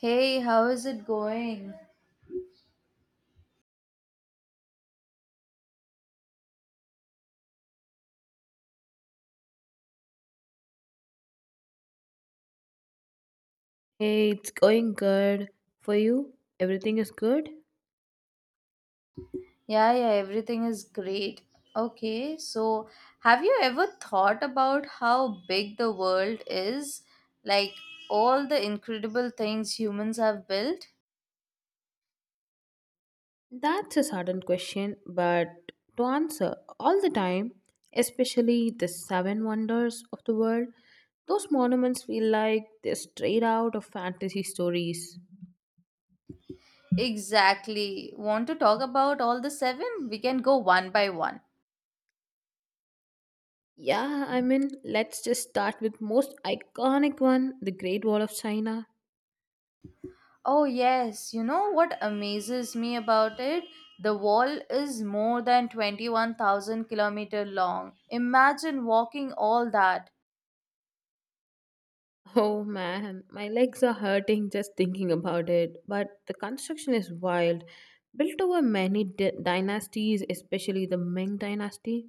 Hey, how is it going? Hey, it's going good. For you, everything is good? Yeah, yeah, everything is great. Okay, so have you ever thought about how big the world is? Like all the incredible things humans have built? That's a sudden question, but to answer all the time, especially the seven wonders of the world, those monuments feel like they're straight out of fantasy stories. Exactly. Want to talk about all the seven? We can go one by one. Yeah, I mean, let's just start with most iconic one, the Great Wall of China. Oh, yes. You know what amazes me about it? The wall is more than 21,000 kilometer long. Imagine walking all that. Oh man, my legs are hurting just thinking about it. But the construction is wild, built over many dynasties, especially the Ming dynasty.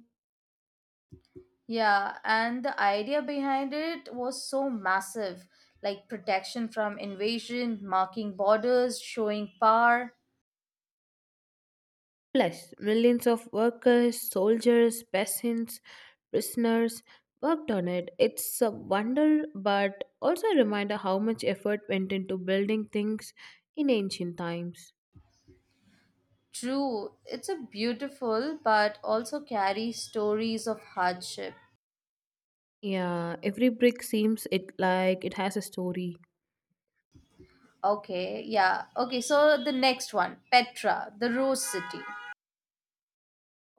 Yeah, and the idea behind it was so massive like protection from invasion, marking borders, showing power. Plus, millions of workers, soldiers, peasants, prisoners worked on it. It's a wonder, but also a reminder how much effort went into building things in ancient times. True, it's a beautiful but also carries stories of hardship. Yeah, every brick seems it like it has a story. Okay, yeah. Okay, so the next one, Petra, the Rose City.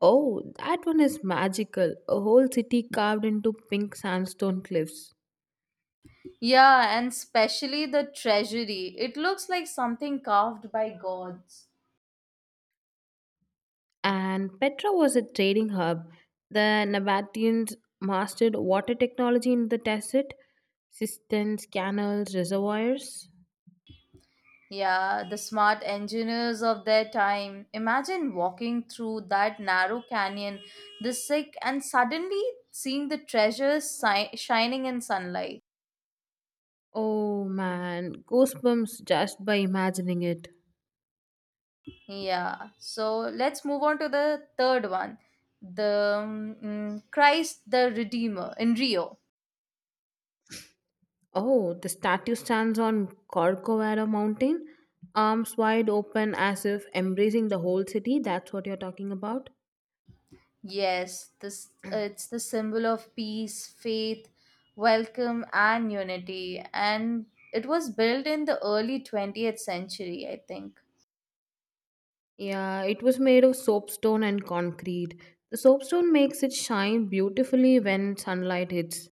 Oh, that one is magical. A whole city carved into pink sandstone cliffs. Yeah, and especially the treasury. It looks like something carved by gods. And Petra was a trading hub. The Nabateans mastered water technology in the desert, cisterns, canals, reservoirs. Yeah, the smart engineers of their time. Imagine walking through that narrow canyon, the sick, and suddenly seeing the treasures shining in sunlight. Oh man, goosebumps just by imagining it. Yeah, so let's move on to the third one, the Christ the Redeemer in Rio. Oh, the statue stands on Corcovado Mountain, arms wide open as if embracing the whole city. That's what you're talking about. Yes, this it's the symbol of peace, faith, welcome, and unity, and it was built in the early 20th century, I think. Yeah, it was made of soapstone and concrete. The soapstone makes it shine beautifully when sunlight hits.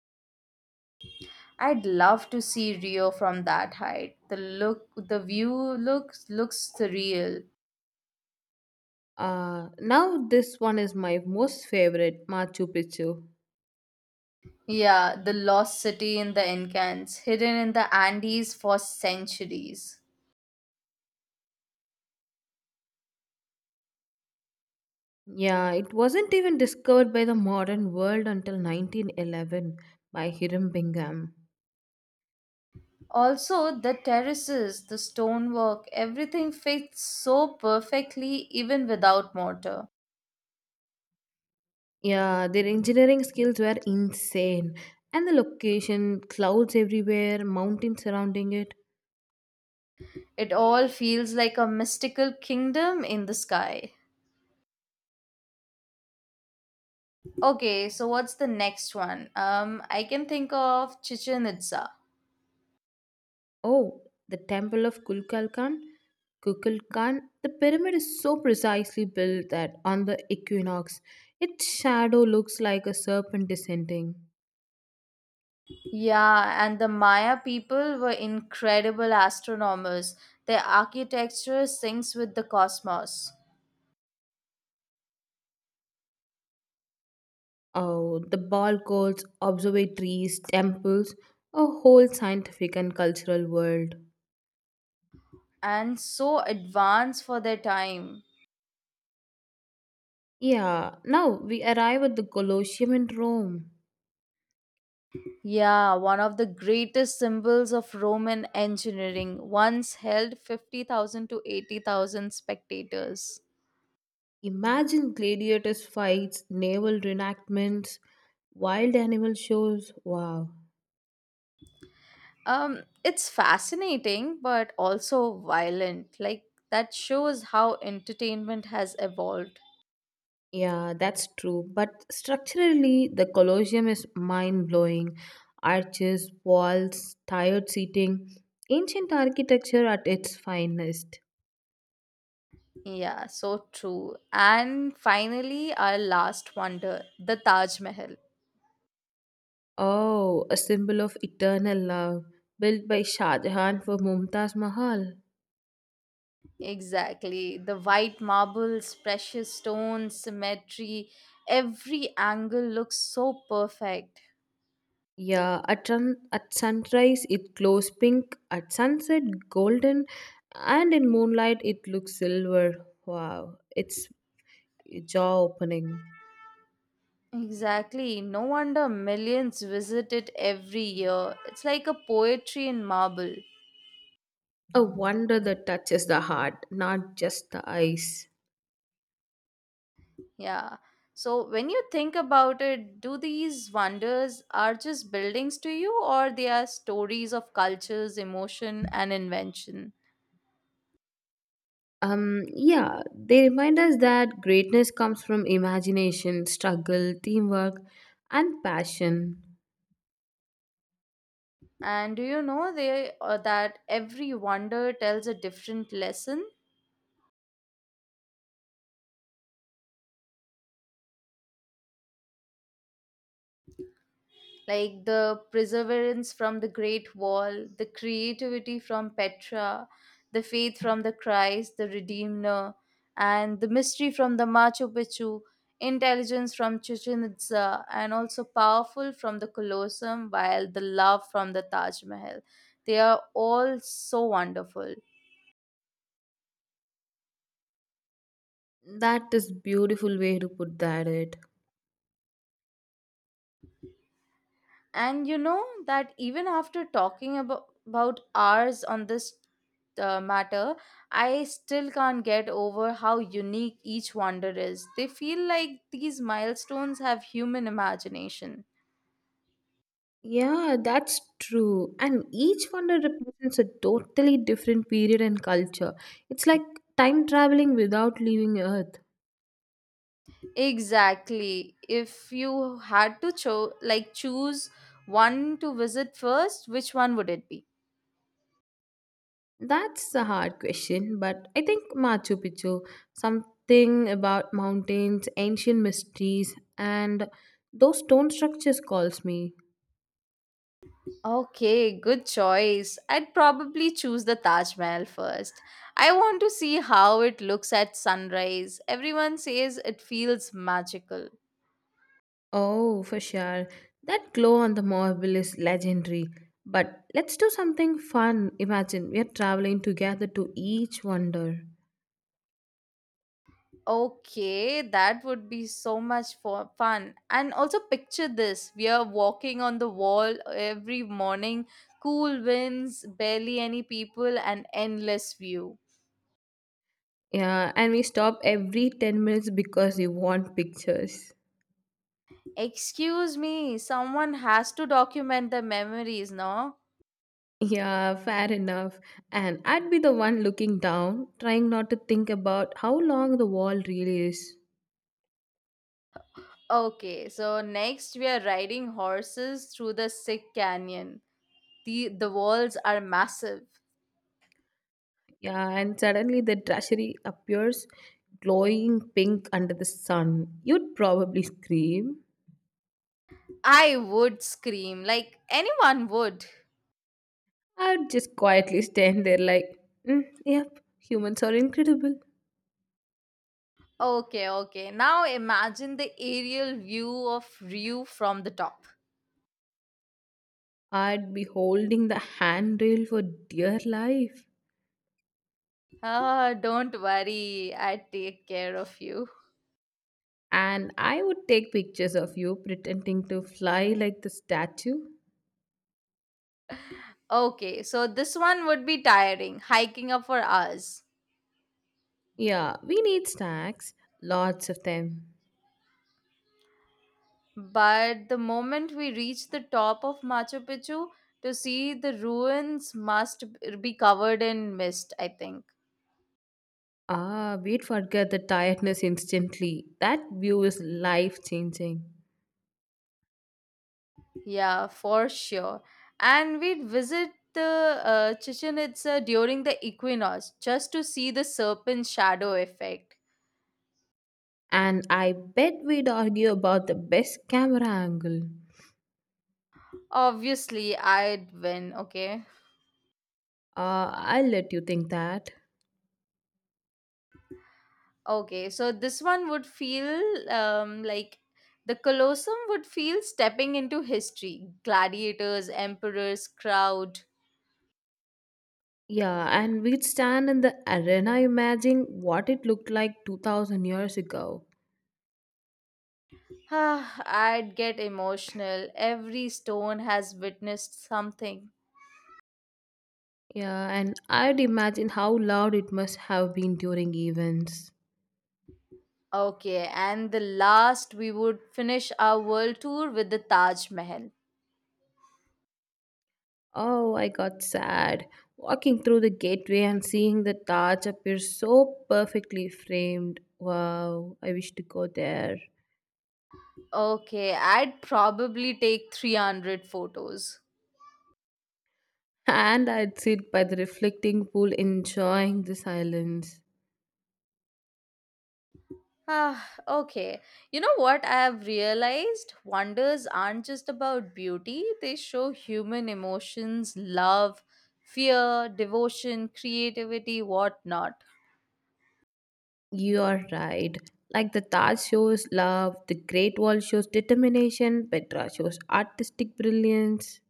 I'd love to see Rio from that height. The look, the view looks surreal. Now this one is my most favorite, Machu Picchu. Yeah, the lost city in the Incans, hidden in the Andes for centuries. Yeah, it wasn't even discovered by the modern world until 1911 by Hiram Bingham. Also, the terraces, the stonework, everything fits so perfectly even without mortar. Yeah, their engineering skills were insane. And the location, clouds everywhere, mountains surrounding it. It all feels like a mystical kingdom in the sky. Okay, so what's the next one? I can think of Chichen Itza. Oh, the temple of Kukulkan, Kukulkan. The pyramid is so precisely built that on the equinox, its shadow looks like a serpent descending. Yeah, and the Maya people were incredible astronomers. Their architecture syncs with the cosmos Oh, the balcons, observatories, temples, a whole scientific and cultural world. and so advanced for their time. Yeah, now we arrive at the Colosseum in Rome. Yeah, one of the greatest symbols of Roman engineering once held 50,000 to 80,000 spectators. Imagine gladiators' fights, naval reenactments, wild animal shows. Wow. It's fascinating but also violent. Like, that shows how entertainment has evolved. Yeah, that's true. But structurally, the Colosseum is mind blowing. Arches, walls, tired seating, ancient architecture at its finest. Yeah, so true. And finally, our last wonder, the Taj Mahal. Oh, a symbol of eternal love, built by Shah Jahan for Mumtaz Mahal. Exactly. The white marbles, precious stones, symmetry, every angle looks so perfect. Yeah, at sunrise it glows pink, at sunset golden, and in moonlight it looks silver. Wow, it's jaw opening. Exactly. No wonder millions visit it every year. It's like a poetry in marble. A wonder that touches the heart, not just the eyes. Yeah. So when you think about it, do these wonders are just buildings to you or they are stories of cultures, emotion and invention? Yeah, they remind us that greatness comes from imagination, struggle, teamwork, and passion. And do you know they that every wonder tells a different lesson? Like the perseverance from the Great Wall, the creativity from Petra, the faith from the Christ, the Redeemer, and the mystery from the Machu Picchu, intelligence from Chichen Itza, and also powerful from the Colosseum, while the love from the Taj Mahal. They are all so wonderful. That is beautiful way to put that it. And you know that even after talking about hours on this matter, I still can't get over how unique each wonder is. They feel like these milestones have human imagination. Yeah, that's true. And each wonder represents a totally different period and culture. It's like time traveling without leaving Earth. Exactly. If you had to choose one to visit first, which one would it be? That's a hard question, but I think Machu Picchu, something about mountains, ancient mysteries, and those stone structures calls me. Okay, good choice. I'd probably choose the Taj Mahal first. I want to see how it looks at sunrise. Everyone says it feels magical. Oh, for sure. That glow on the marble is legendary. But let's do something fun. Imagine we are traveling together to each wonder. Okay, that would be so much for fun. And also picture this. We are walking on the wall every morning, cool winds, barely any people and endless view. Yeah, and we stop every 10 minutes because we want pictures. Excuse me, someone has to document the memories, no? Yeah, fair enough. And I'd be the one looking down, trying not to think about how long the wall really is. Okay, so next we are riding horses through the sick canyon. The walls are massive. Yeah, and suddenly the treasury appears glowing pink under the sun. You'd probably scream. I would scream like anyone would. I'd just quietly stand there like, mm, yep, humans are incredible. Okay, okay. Now imagine the aerial view of Ryu from the top. I'd be holding the handrail for dear life. Ah, don't worry. I take care of you. And I would take pictures of you pretending to fly like the statue. Okay, so this one would be tiring, hiking up for hours. Yeah, we need snacks, lots of them. But the moment we reach the top of Machu Picchu to see the ruins must be covered in mist, I think. Ah, we'd forget the tiredness instantly. That view is life changing. Yeah, for sure. And we'd visit the Chichen Itza during the equinox just to see the serpent shadow effect. And I bet we'd argue about the best camera angle. Obviously, I'd win, okay? Ah, I'll let you think that. Okay, so this one would feel um, like the Colosseum would feel stepping into history. Gladiators, emperors, crowd. Yeah, and we'd stand in the arena imagining what it looked like 2000 years ago. Ah, I'd get emotional. Every stone has witnessed something. Yeah, and I'd imagine how loud it must have been during events. Okay, and the last we would finish our world tour with the Taj Mahal. Oh, I got sad. Walking through the gateway and seeing the Taj appear so perfectly framed. Wow, I wish to go there. Okay, I'd probably take 300 photos. And I'd sit by the reflecting pool enjoying the silence. Ah, okay. You know what I have realized? Wonders aren't just about beauty, they show human emotions, love, fear, devotion, creativity, whatnot. You are right. Like the Taj shows love, the Great Wall shows determination, Petra shows artistic brilliance,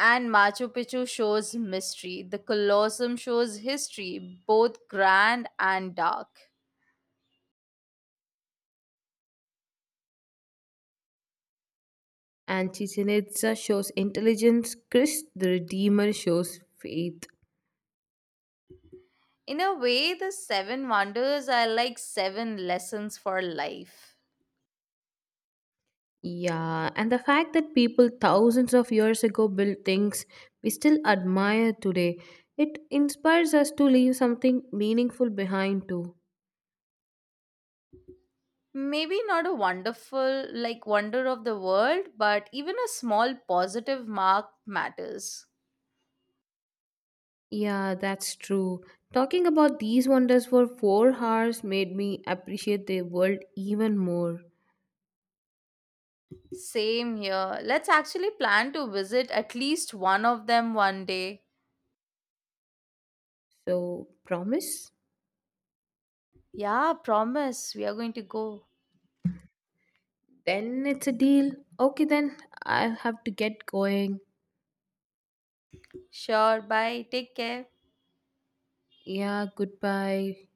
And Machu Picchu shows mystery. The Colosseum shows history, both grand and dark. and Chichen Itza shows intelligence, Christ the Redeemer shows faith. In a way, the seven wonders are like seven lessons for life. Yeah, and the fact that people thousands of years ago built things we still admire today, it inspires us to leave something meaningful behind too. Maybe not a wonderful, like, wonder of the world, but even a small positive mark matters. Yeah, that's true. Talking about these wonders for 4 hours made me appreciate the world even more. Same here. Let's actually plan to visit at least one of them one day. So, promise? Yeah, promise. We are going to go. Then it's a deal. Okay, then I have to get going. Sure, bye. Take care. Yeah, goodbye.